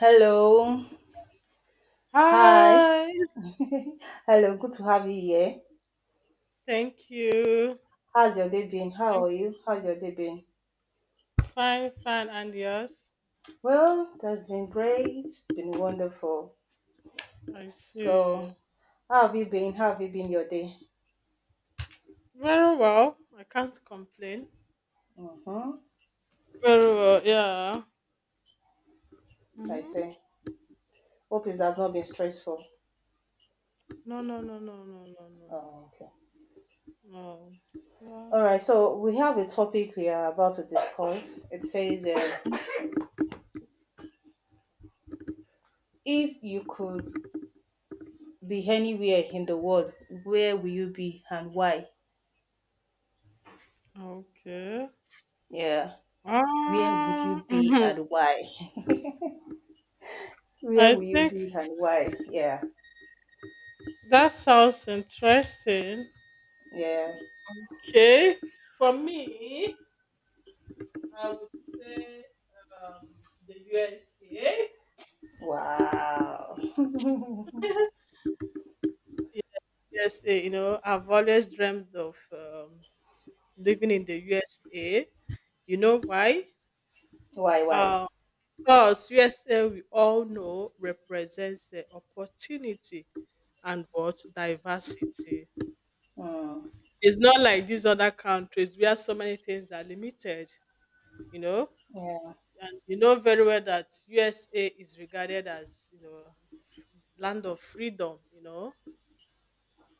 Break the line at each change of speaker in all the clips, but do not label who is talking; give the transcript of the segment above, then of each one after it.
Hello. Hi.
Hi,
Hello. Good to have you here.
thank you.
How's your day been? How
Thank you.
are you? How's your day been?
Fine, fine, and yours?
Well, that's been great. It's been wonderful.
I see.
So, how have you been? How have you been your day?
Very well. I can't complain.
Mm-hmm.
Very well, yeah.
I
Hmm.
say. Hope it has not been stressful.
No, no, no, no, no, no, no,
Oh, okay.
no.
All
Well,
right. So, we have a topic we are about to discuss. It says,
mm,
if you could be anywhere in the world, where will you be and why?
okay.
Yeah. Where would
Um,
you be and why? Where
I
will you be
think
and why? Yeah,
that sounds interesting.
yeah.
Okay. For me, I would say um, the USA.
Wow.
USA, you know, I've always dreamed of living in the USA. You know why?
Why, why?
Uh, because USA, we all know, represents the opportunity and what diversity.
Mm,
It's not like these other countries where so many things are limited, you know.
yeah,
And you know very well that USA is regarded as, you know, land of freedom, you know.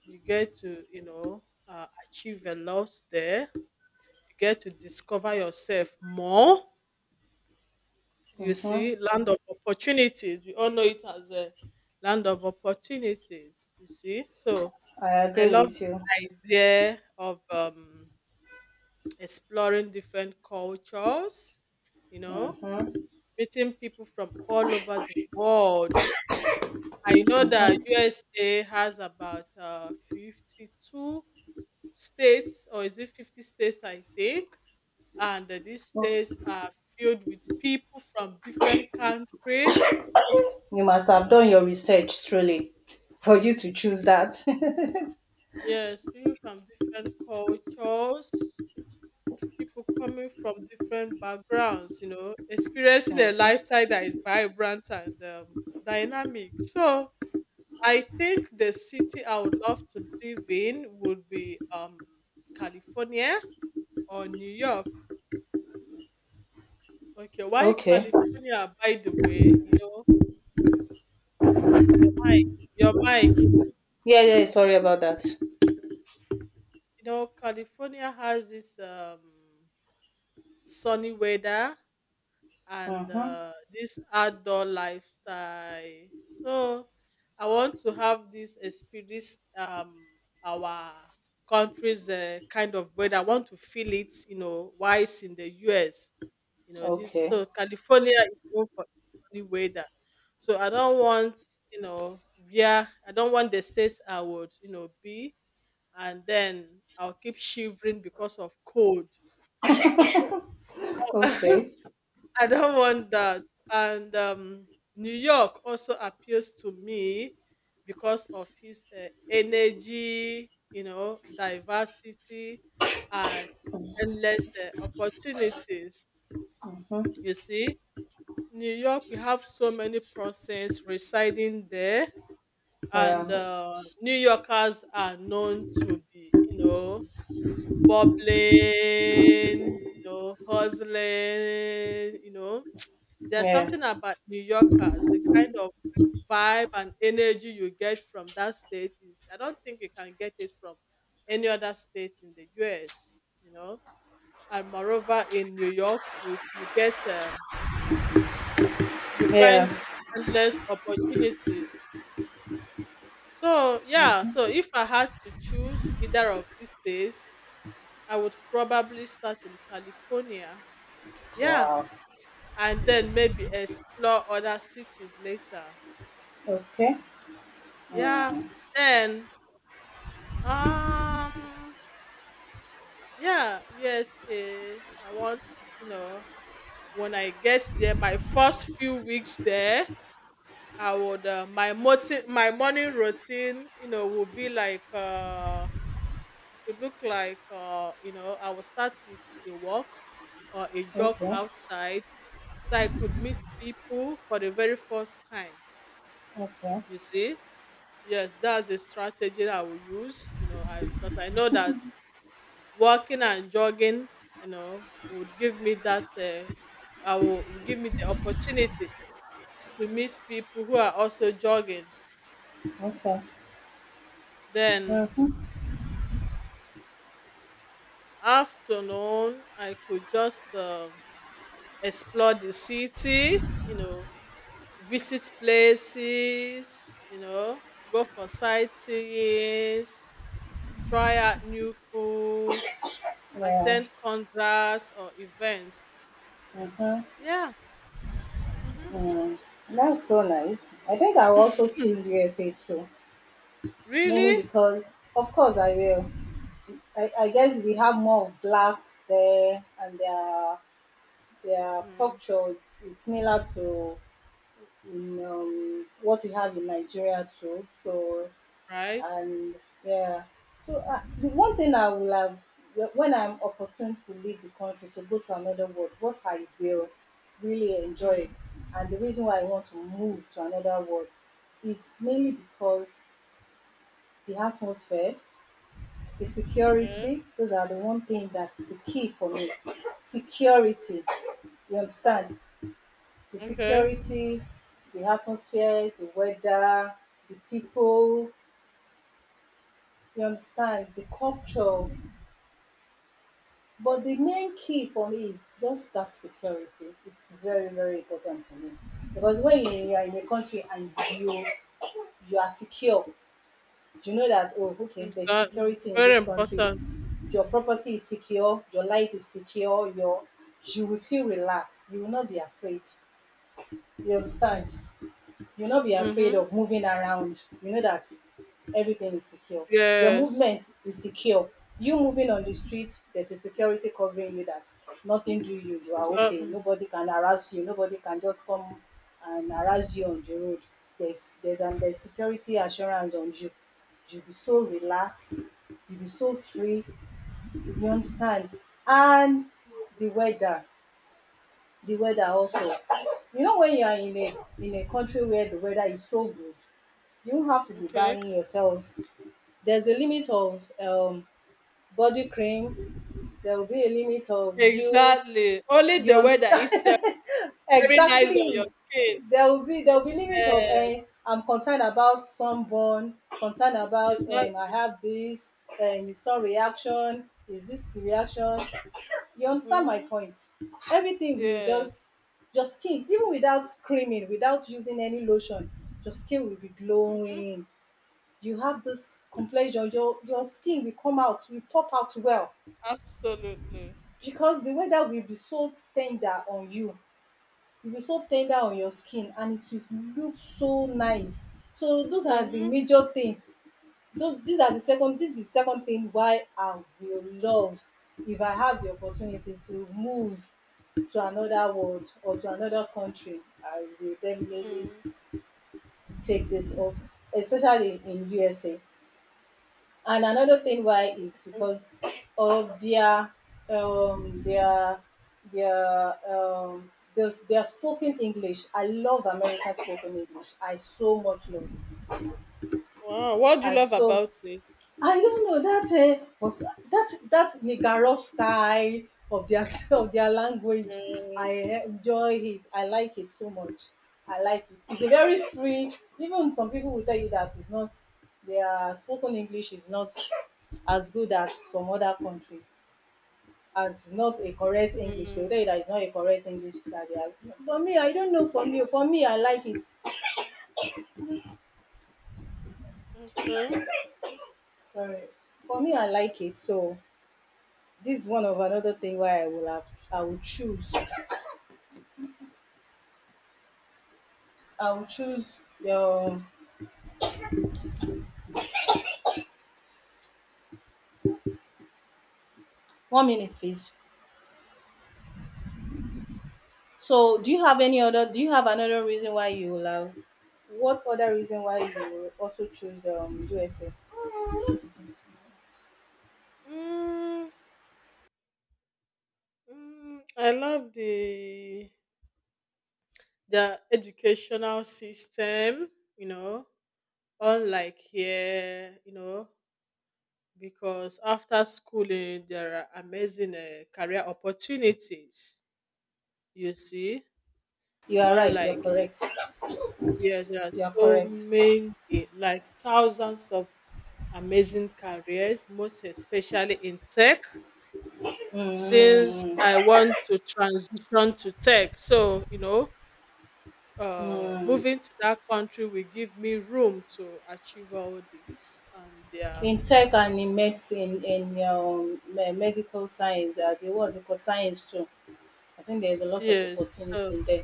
You get to, you know, achieve a lot there. You get to discover yourself more. You
mhm,
see, land of opportunities. We all know it as a land of opportunities. You see, so
I
I
agree
love
with
the
you.
idea of exploring different cultures. You know, meeting people from all over the world. I know that USA has about 52 states, or is it 50 states? I think, and these
Oh,
states are filled with people from different countries.
you must have done your research truly for you to choose
peop-
that.
yes, people from different cultures, people coming from different backgrounds, you know, experiencing a
Mhm.
lifestyle that is vibrant and dynamic. So I think the city I would love to live in would be California or New York. Okay, why
Okay.
California, by the way, you know? Your mic, your mic.
Yeah, yeah. Sorry about that.
You know, California has this sunny weather and
Mm-hmm.
this outdoor lifestyle. So I want to have this experience, our country's kind of weather. I want to feel it, you know, while it's in the US. You know, this
Okay.
so California is known for its sunny weather. So I don't want, you know, yeah, I don't want the states I would, you know, be and then I'll keep shivering because of cold. I
Okay.
don't want that. And New York also appeals to me because of his energy, you know, diversity, and endless opportunities. You see, New York, we have so many persons residing there, and
Yeah.
New Yorkers are known to be, you know, bubbling, you know, hustling, you know. There's
Yeah.
something about New Yorkers, the kind of vibe and energy you get from that state is I don't think you can get it from any other state in the US, you know. And moreover in New York you get, you
Yeah.
find endless opportunities. So yeah, so if I had to choose either of these days, I would probably start in California. Yeah,
Wow.
and then maybe explore other cities later.
Okay.
Yeah, then um yeah, USA. I want, you know, when I get there, my first few weeks there, I would my morning routine, you know, will be like it would look like you know, I will start with a walk or a jog
Okay.
outside so I could meet people for the very first time,
Okay.
you see? Yes, that's a strategy that I will use, you know, I because I know that walking and jogging, you know, would give me that will give me the opportunity to meet people who are also jogging.
Okay.
Then
Mm-hmm.
afternoon, I could just explore the city, you know, visit places, you know, go for sightseeing, try out new foods,
Yeah.
attend concerts or events.
Mm-hmm.
Yeah. Mm-hmm.
Mm, that's so nice. I think I'll also choose USA too, mainly
Really?
because, of course, I will. I guess we have more of blacks there, and their
Mm.
culture is similar to what we have in Nigeria too. So
Right.
and yeah, so the one thing I will have when I'm opportune to leave the country to go to another world, what I will really
Mm.
enjoy and the reason why I want to move to another world is mainly because the atmosphere, the
Okay.
security, those are the one thing that's the key for me. Security, you understand, the
Okay.
security, the atmosphere, the weather, the people, you understand, the culture. But the main key for me is just that security. It's very, very important to me. Because when you are in a country and you you are secure, you know that, oh okay, there's
Exactly.
security in
Very
this country,
important.
your property is secure, your life is secure, your you will feel relaxed, you will not be afraid. You understand? You not be afraid
Mm-hmm.
of moving around, you know that everything is secure, your
Yes.
movement is secure, you moving on the street, there's a security covering you that nothing do you, you are okay,
Exactly.
nobody can harass you, nobody can just come and harass you on the road. There's security assurance on you, you be so relaxed, you be so free, you understand. And the weather, the weather also, you know, when you are in a country where the weather is so good, you have to be
Okay.
buying yourself, there's a limit of body cream, there will be a limit of you,
Exactly. Only
you
the weather
understand.
itself very nice on your
Exactly,
skin.
there will be limit of
Yes.
I'm concerned about sunburn, concerned about I
Exactly.
have this is some reaction, is this the reaction, you understand my
Mm-hmm.
point? Everything will
Yes.
just, your skin, even without creaming, without using any lotion, your skin will be
Mm-hmm.
glowing, you have this complexion, your skin will come out, will pop out well,
Absolutely.
because the weather will be so tender on you. It will be so tender on your skin and it will look so nice. So those are the
Mm-hmm.
major thing. Those these are the second, this is second thing why I will love, if I have the opportunity to move to another world or to another country, I will definitely
Mm.
take this up, especially in USA. And another thing why is because of um their their those their spoken English. I love American spoken English. I so much love it.
Wow, what do you
I
love
so
about it?
I don't know that but that Nigaro style of their of their language,
Yeah.
I enjoy it. I like it so much. I like it. It's a very free. Even some people will tell you that it's not, their spoken English is not as good as some other country. As not a correct English, they will
Mm.
tell you that it's not a correct English that they are. For me, I don't know. For me, I like it.
Okay.
Sorry. For me, I like it. So this is one of another thing why I will have, I will choose, I will choose um one minute please. So do you have any other, do you have another reason why you will have, what other reason why you will also choose USA?
Mm, I love the educational system, you know, unlike here, you know, because after schooling there are amazing career opportunities. You see,
You are right, you're
unlike
correct.
yes, there are
You are
so
correct.
many, like thousands of amazing careers, most especially in tech. Since I want to transition to tech. So, you know, moving to that country will give me room to achieve all this. And yeah,
In tech and in medicine, in me- medical science, there was eco science too. I think there's a lot of
yes. So,
opportunity there.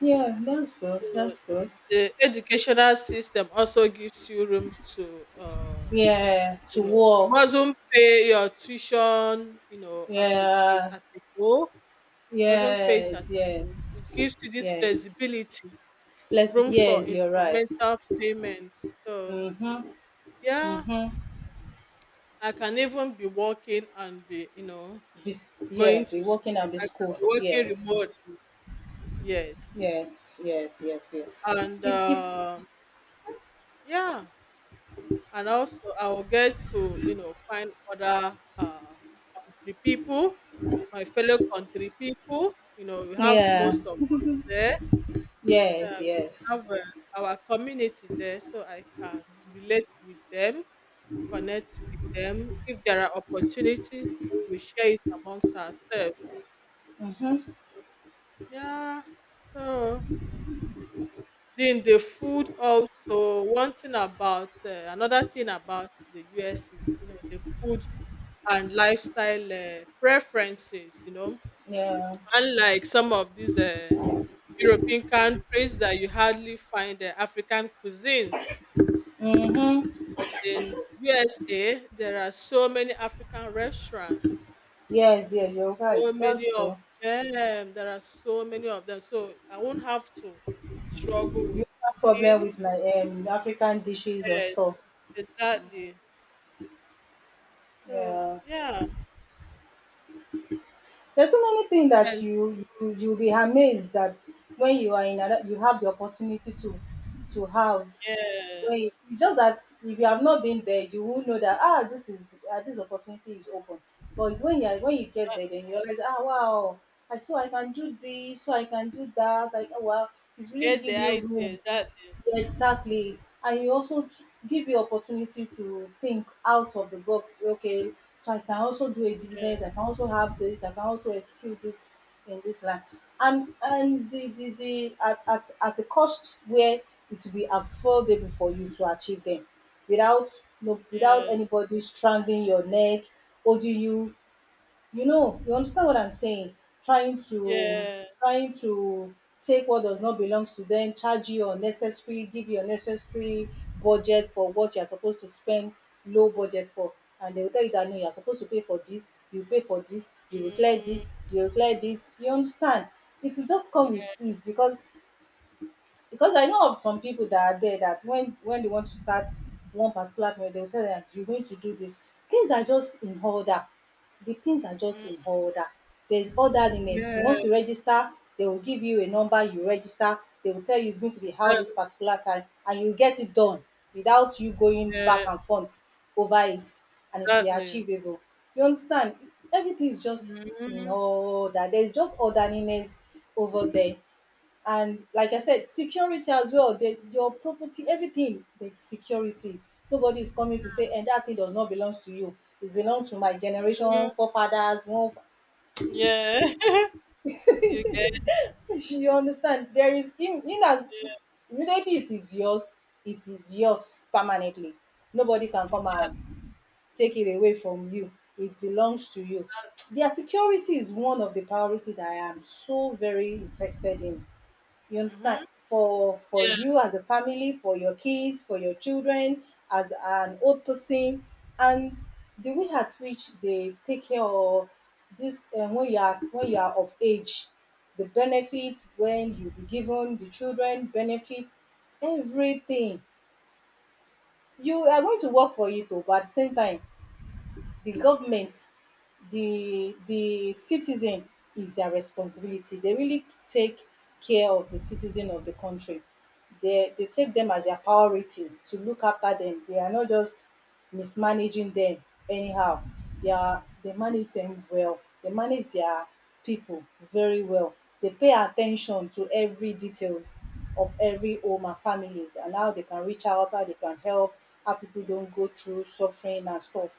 Yeah, that's good.
so
That's good.
the educational system also gives you room to,
Yeah,
you
to
know, you
work.
mustn't pay your tuition, you know, at a,
Yeah,
at a go, mustn't pay it at
yes,
a go.
yes,
It gives you this
yes.
flexibility,
Bless.
room for
Yes, you're right.
instrumental payments. So,
Mhm,
yeah,
mhm.
I can even be working and be, you know,
Be, s- yeah,
going
be
to school.
working and be
I can
school.
be working
Yes,
remotely. Yes.
yes, yes, yes, yes.
And
It's
yeah. And also I will get to, you know, find other country people, my fellow country people. You know, we have
yeah,
most of us there.
yes,
Uh,
yes.
have our community there, so I can relate with them, connect with them. If there are opportunities, so we share it amongst ourselves.
Mhm.
Yeah. So then the food also one thing about another thing about the US is you know the food and lifestyle preferences. You know,
Yeah,
unlike some of these European countries that you hardly find African cuisines, but in USA there are so many African restaurants,
yes, yeah. You're right.
so
That's
many
true.
of them. There are so many of them, so I won't have to struggle with
You have problem
eating.
with like African dishes or
Yes,
stuff.
exactly. So
Yeah.
yeah,
There's so many things that
and
you you'll be amazed that when you are in another, you have the opportunity to have. Wait,
yes,
it's just that if you have not been there, you will know that, ah, this is, ah, this opportunity is open. But it's when you are- when you get there, then you realize, ah, wow, I so I can do this, so I can do that. Like, oh, wow, it's really
get the
give you
idea
room.
exactly.
Yeah, exactly. And you also t- give you opportunity to think out of the box. Okay, so I can also do a business.
Yes,
I can also have this. I can also execute this in this line. And the at the cost where it will be affordable for you to achieve them, without, no, without
yes,
anybody strangling your neck, holding you, you know, you understand what I'm saying, trying to
yeah,
trying to take what does not belong to them, charge you unnecessary, give you unnecessary budget for what you're supposed to spend, low budget for, and they will tell you that, no, you're supposed to pay for this, you pay for this, you will clear
mm,
this, you will clear this, you understand. It will just come with ease because I know of some people that are there that when they want to start one particular period, they will tell them you're going to do this. Things are just in order. The things are just
mm,
in order. There's orderliness. You
yeah,
want to register, they will give you a number, you register, they will tell you it's going to be how this
exactly,
particular time, and you get it done without you going back
yeah,
and forth over it, and it will be
exactly.
achievable. You understand? Everything is just in
Mm-hmm.
order. There's just orderliness over there, and like I said, security as well. They, your property, everything, there's security. Nobody is coming to say, and that thing does not belong to you. It belongs to my
Hmm.
generation, forefathers. One,
Yeah, you get
you understand? There is in as
it.
immediately it is yours. It is yours permanently. Nobody can come and take it away from you. It belongs to you. Their security is one of the priority that I am so very interested in. You
Mm-hmm.
understand? For
Yeah,
you as a family, for your kids, for your children, as an old person, and the way at which they take care of this, when you are, when you are of age, the benefits, when you be given the children benefits, everything. You are going to work for it, oh, but at the same time, the government, the citizen is their responsibility. They really take care of the citizen of the country. They take them as their priority to look after them. They are not just mismanaging them anyhow. They are they manage them well. They manage their people very well. They pay attention to every details of every home and families, and how they can reach out, how they can help, how people don't go through suffering and stuff.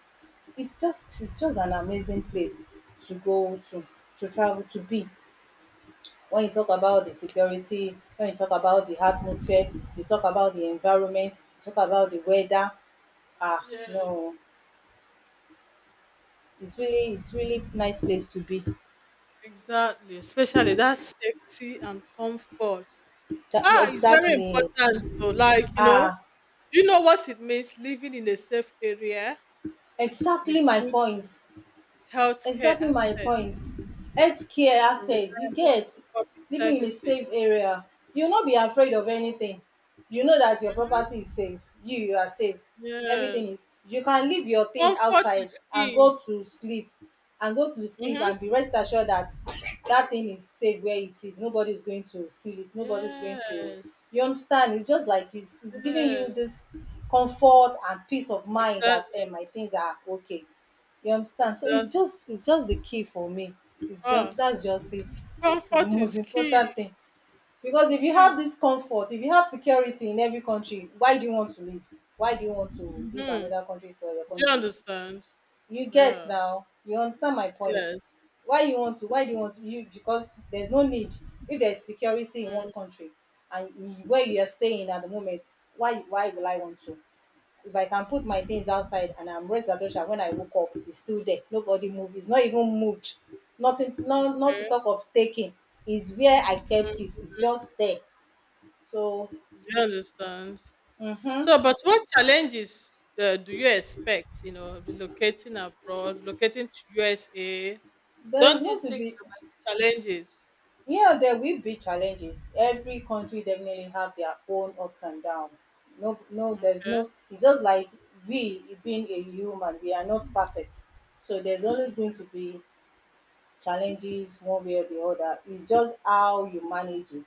It's just an amazing place to go to travel to be, when you talk about the security, when you talk about the atmosphere, you talk about the environment, you talk about the weather. No.
yes,
It's really nice place to be.
exactly. Especially that safety and comfort.
That
Ah, it's very
exactly.
important. So, like you know,
ah
do you know what it means living in a safe area? With
exactly my
good
point.
healthcare
Exactly my point.
access
Healthcare
and
access you
reliable
get.
public
Living in a
services.
safe area, you will not be afraid of anything. You know that your property is safe, you are safe. Everything is,
Yes.
you can leave your thing
Comfort
outside
is
and
key.
go to sleep,
Mm-hmm.
and be rest assured that that thing is safe where it is. Nobody is going to steal it, nobody is going to,
Yes.
you understand? It's just like it's giving you
Yes.
this comfort and peace of mind that
Exactly.
my things are okay. You understand? So it's
Exactly.
just it's just the key for me. It's just
Ah,
That's just it. It's the
comfort
most
is key.
important thing. Because if
It
you
is.
have this comfort, if you have security in every country, why do you want to leave? Why do you want to leave
Mm-hmm. Do
another country for your
you
country?
understand?
You get
Yeah.
now? You understand my point?
Yes.
Why you want to why do you want to you Because there's no need. If there's security in one
Mm.
country and where you are staying at the moment, why will I want to? If I can put my things outside and I'm raised adoption, when I woke up, it's still there. Nobody moved. It's not even moved. Nothing, no, not to
Okay.
talk of taking. It's where I kept
Mm.
it. It's just there. So,
Do you understand?
mm-hmm.
So, but what challenges do you expect? You know, relocating abroad, relocating to USA.
There is
Don't you
going to
think
be,
there might be challenges?
yeah, there will be challenges. Every country definitely have their own ups and downs. No, no, there's
Okay.
no, it's just like we being a human, we are not perfect. So there's always going to be challenges one way or the other. It's just how you manage it.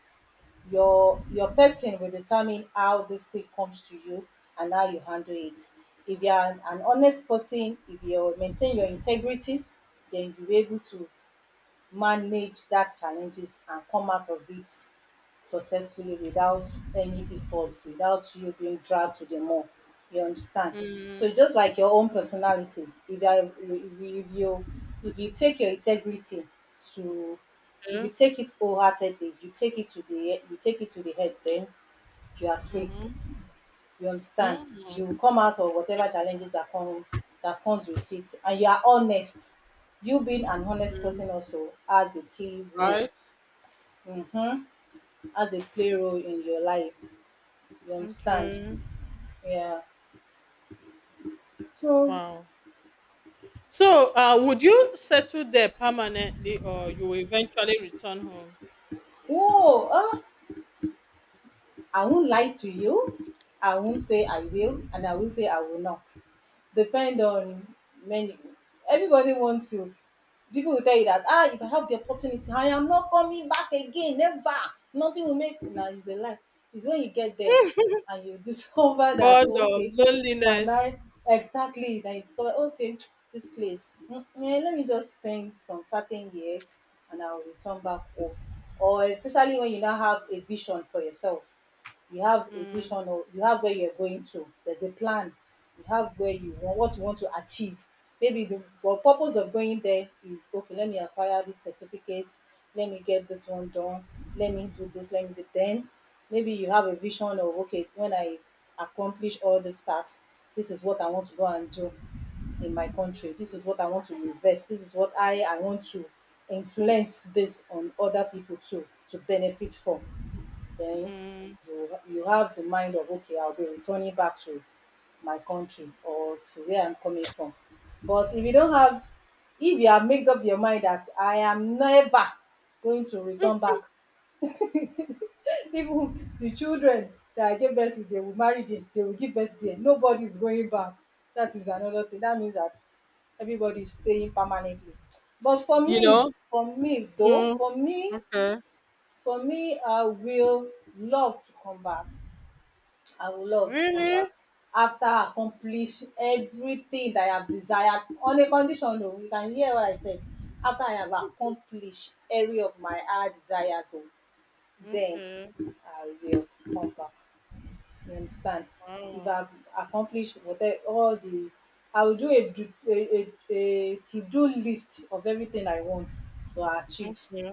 Your person will determine how this thing comes to you and how you handle it. If you are an honest person, if you maintain your integrity, then you'll be able to manage that challenges and come out of it successfully without any pitfalls, without you being dragged to the mall. You understand? So
Mm.
just like your own personality, if you are if you take your integrity to, if you
Okay.
take it wholeheartedly, you take it to the, you take it to the head, then you are free.
Mm-hmm.
You understand? You
Mm-hmm.
will come out of whatever challenges that come, that comes with it, and you are honest. You being an honest person also has a key role.
Right.
Mm-hmm. Has a play role in your life. You understand?
Okay.
Yeah. So,
Wow. So, would you settle there permanently, or you will eventually return home?
whoa. I won't lie to you. I won't say I will, and I will say I will not. Depend on many. Everybody wants to. People will tell you that if I have the opportunity, I am not coming back again. Never. Nothing will make. Now it's a lie. It's when you get there, and you discover that, oh,
Boredom,
okay, can
loneliness.
I, exactly? Then you discover, okay, this place. Yeah, let me just spend some certain years, and I'll return back home. Or especially when you now have a vision for yourself, you have a
Mm,
vision, or you have where you're going to, there's a plan, you have where you want, what you want to achieve. Maybe the, well, purpose of going there is, okay, let me acquire this certificate, let me get this one done, let me do this, let me do, then maybe you have a vision of, okay, when I accomplish all these tasks, this is what I want to go and do in my country, this is what I want to invest, this is what I want to influence this on other people too to benefit from. Then
mm.
you have the mind of, okay, I'll be returning back to my country or to where I'm coming from. But if you don't have, if you have made up your mind that I am never going to return back, even the children that I gave birth to, they will marry there, they will give birth there, nobody is going back, that is another thing, that means that everybody is staying permanently. But for
You
me,
know. Mm. Okay.
for me, I will love to come back. I would love to come
Really?
back after I accomplish everything that I have desired, on a condition o. You can hear what I said. After I have accomplished every of my hard desires o, then
Okay.
I will come back. You understand? If I
Wow.
have accomplished whatever, all the, I will do a to do list of everything I want to achieve.
Okay.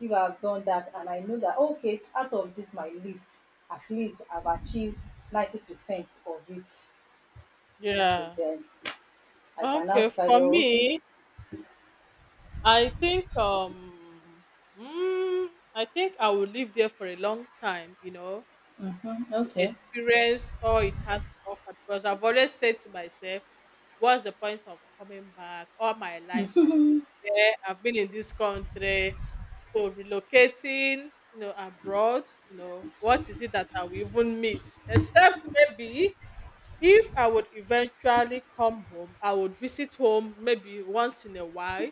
If I've done that and I know that, okay, out of this my list, at least I've achieved 90% of it. Okay,
Yeah.
then I can now
Okay.
decide.
For
Oh, okay.
me, I think mm, I think I will live there for a long time, you know, to
Okay.
experience all it has to offer because I've always said to myself, what's the point of coming back? All my life I've been here, I've been in this country. So relocating, you know, abroad, you know, what is it that I will even miss? Except maybe, if I would eventually come home, I would visit home maybe once in a while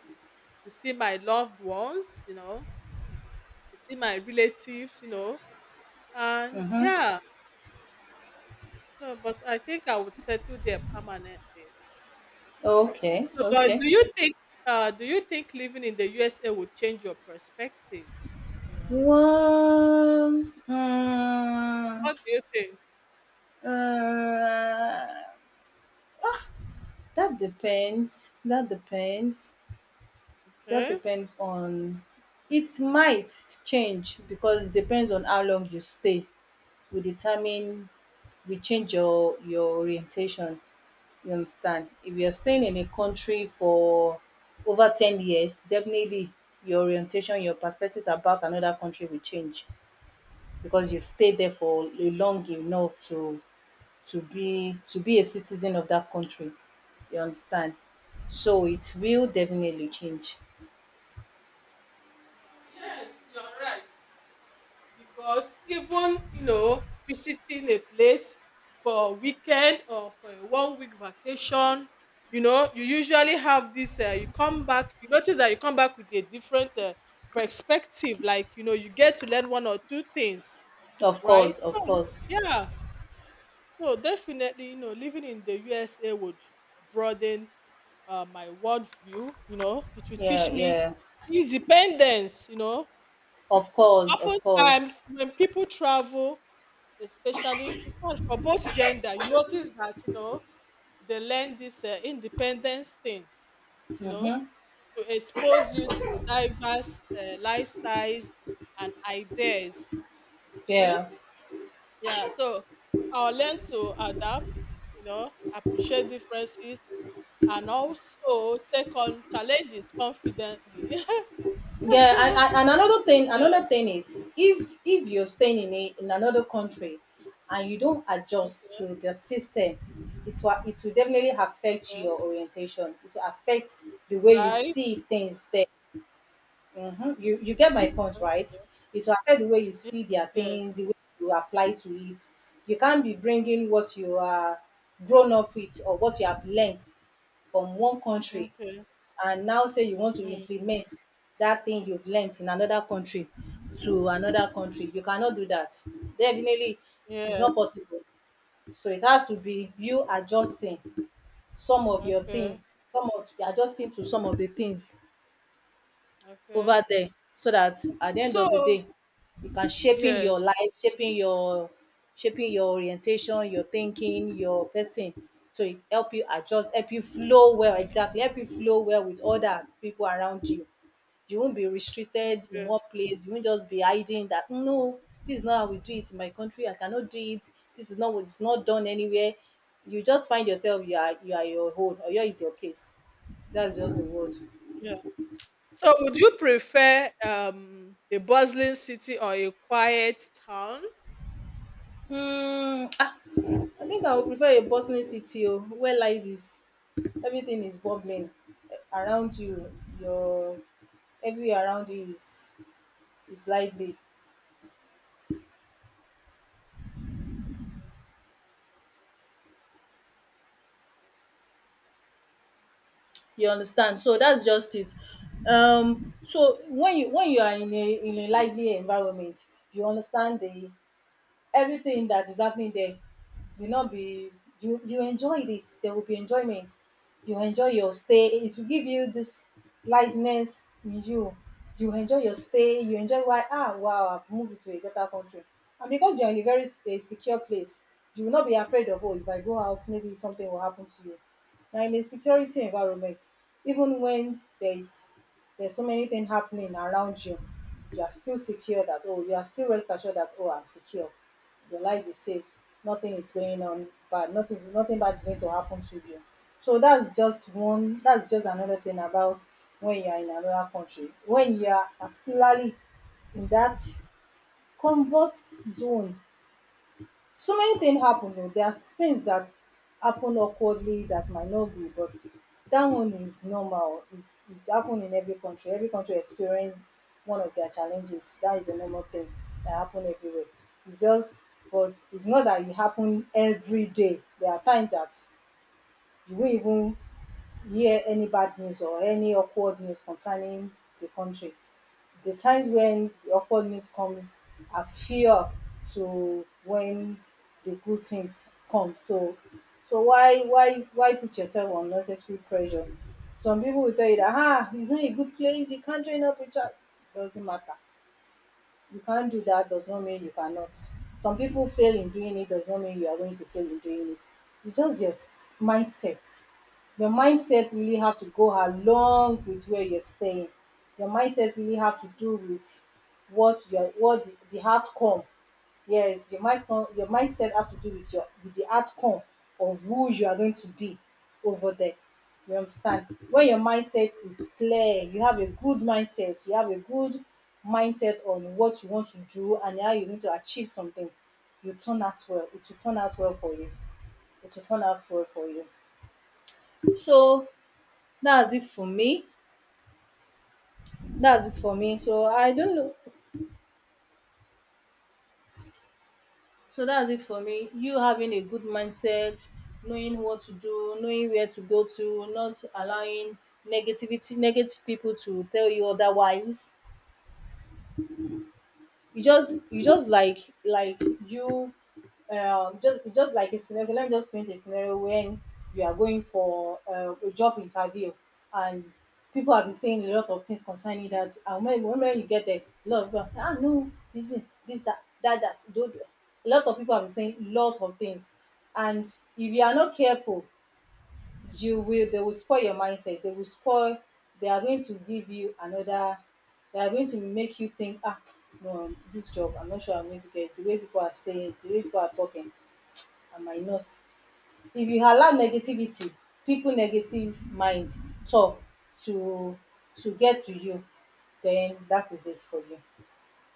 to see my loved ones, you know, to see my relatives, you know, and
Mm-hmm.
yeah. So, but I think I would settle there permanently.
Okay.
So, but
Okay.
do you think living in the USA would change your perspective? You know,
Well,
what do you think?
uh, that depends. That depends. That
Okay.
depends on. It might change because it depends on how long you stay. We determine, we change your orientation. You understand? If you're staying in a country for over 10 years, definitely your orientation, your perspective about another country will change, because you've stayed there for a long enough to, to be a citizen of that country. You understand? So it will definitely change.
Yes, you're right. Because even you know visiting a place for a weekend or for a one week vacation, you know, you usually have this you come back, you notice that you come back with a different perspective, like you know you get to learn one or two things,
Of
right?
course, of
So
course.
yeah, so definitely you know living in the USA would broaden my worldview, you know it will
Yeah,
teach me
yeah.
independence, you know,
Of course, of course.
oftentimes when people travel, especially in fact for both gender, you notice that you know they learn this independence thing, you know, to expose you to diverse lifestyles and ideas. See,
Yeah.
yeah, so I'll learn to adapt, you know, appreciate differences, and also take on challenges confidently.
Yeah, and
Yeah.
another thing is, if you're staying in a, in another country and you don't adjust to the system, it will definitely affect
Okay.
your orientation. It will affect the way you
Right.
see things there. Mhm. You get my point,
Okay.
right? It will affect the way you
Yes,
see their
yes.
things, the way you apply to it. You can't be bringing what you are grown up with, or what you have learnt from one country,
Okay.
and now say you want to
mm.
implement that thing you've learnt in another country to another country. You cannot do that, definitely, it's
Yeah,
not possible. So it has to be you adjusting some of your
okay.
things, some of, adjusting to some of the things
Okay.
over there, so that at the end of the
So
day you can shaping your
yes.
life, shaping your shaping your orientation, your thinking, your person. So it help you adjust, help you flow well, exactly, help you flow well with others people around you. You won't be restricted in
Okay.
one place, you won't just be hiding that, no, this is not how we do it in my country, I cannot do it, this is not what, it's not done anywhere, you just find yourself, you are, you are your own, or your is your case. That's just the word.
Yeah. So would you prefer a bustling city or a quiet town?
Hmm. I think I would prefer a bustling city, oh, where life is, everything is bubbling around you. Your, everywhere around you is lively. You understand? So that's just it. So when you, when you are in a, in a lively environment, you understand, the everything that is happening there will not be, you enjoyed it, there will be enjoyment. You enjoy your stay, it will give you this lightness in you, you enjoy your stay, you enjoy why, wow, I've moved to a better country. And because you're in a very s- a secure place, you will not be afraid of, oh, if I go out, maybe something will happen to you. Now, in a security environment, even when there is, there's so many things happening around you, you are still secure that, oh, you are still rest assured that, oh, I'm secure, your life is safe, nothing is going on bad, nothing bad is going to happen to you. So that's just one, that's just another thing about when you are in another country, when you are particularly in that comfort zone. So many things happen, oh, there are things that happen awkwardly that might not be, but that one is normal. It's happen in every country, every country experience one of their challenges, that is a normal thing that happen everywhere. It's just, but it's not that it happen every day. There are times that you won't even hear any bad news or any awkward news concerning the country. The times when the awkward news comes are fewer to when the good things come. So, so why put yourself on unnecessary pressure? Some people will tell you that, it's not a good place, you can't join up with that. Doesn't matter, you can't do that does not mean you cannot. Some people fail in doing it, does not mean you are going to fail in doing it. It's just your s- mindset. Your mindset really have to go along with where you're staying. Your mindset really have to do with what your, what the outcome. Yes, your mind, your mindset have to do with your, with the outcome of who you are going to be over there. You understand? When your mindset is clear, you have a good mindset, you have a good mindset on what you want to do and how you need to achieve something, you turn out well. It will turn out well for you. It will turn out well for you. So that's it for me. That's it for me. So I don't know. So that's it for me. You having a good mindset, knowing what to do, knowing where to go to, not allowing negativity, negative people to tell you otherwise. You just, you just like you, just, like a scenario, okay, let me just paint a scenario. When you are going for a job interview, and people have been saying a lot of things concerning that, and when you get there, a lot of people are saying, no, this is this, that that that, don't do. A lot of people have been saying a lot of things, and if you are not careful, you will, they will spoil your mindset, they will spoil, they are going to give you another, they are going to make you think, no, this job I'm not sure I'm going to get it, the way people are saying, the way people are talking, I might not. If you allow negativity, people, negative mind, talk to to get to you, then that is it for you.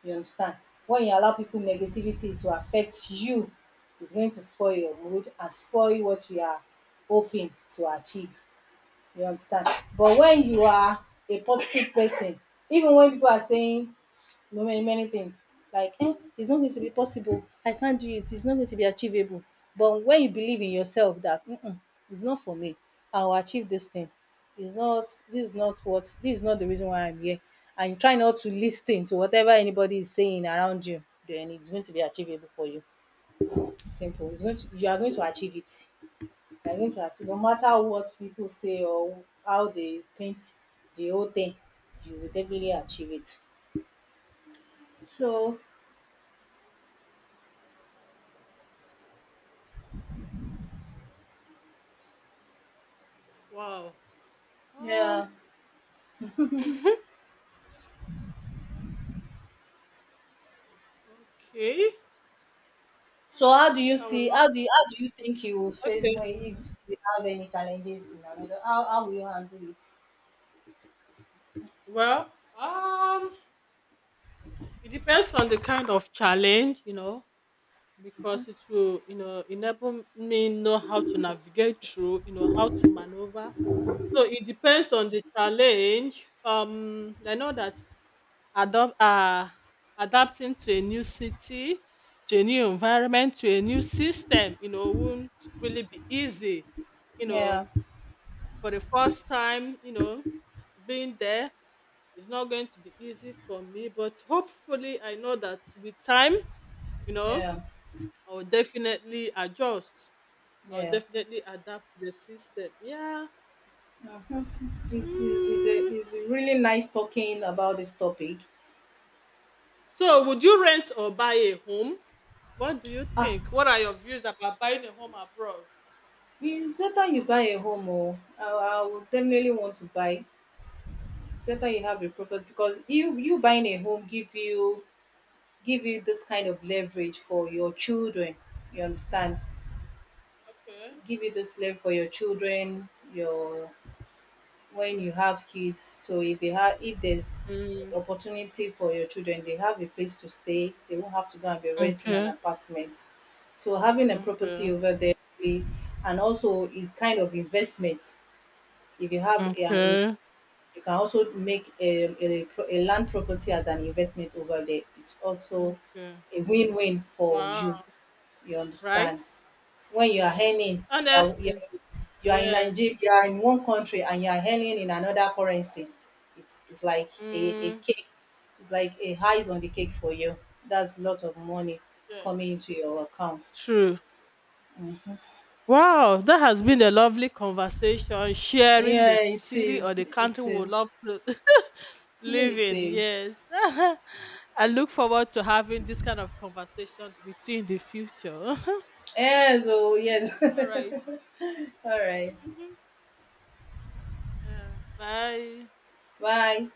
You understand? When you allow people negativity to affect you, it's going to spoil your mood and spoil what you are hoping to achieve. You understand? But when you are a positive person, even when people are saying no, many things like, it's not going to be possible, I can't do it, it's not going to be achievable, but when you believe in yourself that, mm-mm, it's not for me, I will achieve this thing, it's not, this is not what, this is not the reason why I'm here, and you try not to listen to whatever anybody is saying around you, then it's going to be achievable for you. Simple. It's going to, you are going to achieve it, you are going to achieve, no matter what people say or how they paint the whole thing, you will definitely achieve it. So,
Wow. Um.
yeah.
Okay.
So, how do
Honestly,
you
I would
see, how
love
do you, how do you think you will
to.
face
Okay.
when, if you have any challenges in another, how will you handle it?
Well, um, it depends on the kind of challenge, you know, because it will, you know, enable me know how to navigate through, you know, how to maneuver. So it depends on the challenge. I know that adopt adapting to a new city, to a new environment, to a new system, you know, won't really be easy. You
Yeah.
know, for the first time, you know, being there is not going to be easy for me, but hopefully I know that with time, you know,
Yeah,
I'll definitely adjust. I'll
yeah.
definitely adapt to the system. Yeah.
uh
Mm.
it's a really nice talking about this topic.
So, would you rent or buy a home? What do you
Ah,
think? What are your views about buying a home abroad?
it's better you buy a home. Oh, I would definitely want to buy. It's better you have a property, because you buying a home give you, give you this kind of leverage for your children. You understand?
Okay.
Give you this leverage for your children, your, when you have kids, so if they have, if there's
Mm.
opportunity for your children, they have a place to stay, they won't have to go and be renting an
Okay.
apartment. So having a property
Okay.
over there, eh, and also is kind of investment. If you have an,
Okay.
you can also make a, pro- a land property as an investment over there. It's also
Okay.
a win-win for
Wow.
you. You
Right?
understand? When you are
Yes.
earning,
Honestly.
you are in
Yes.
Nigeria, you are in one country, and you are earning in another currency. It's like a
Mm.
cake. It's like a highs on the cake for you. That's a lot of money
Yes.
coming into your account.
True. Wow, that has been a lovely conversation, sharing
Yeah,
the
it
city or
is.
the country
It
we would
is.
love to
Yeah,
live
it
in.
is.
Yes. I look forward to having this kind of conversations with you in the future.
Yes. Oh,
Mm-hmm.
yes.
All right.
All right.
Hmm. Yeah. Bye.
Bye.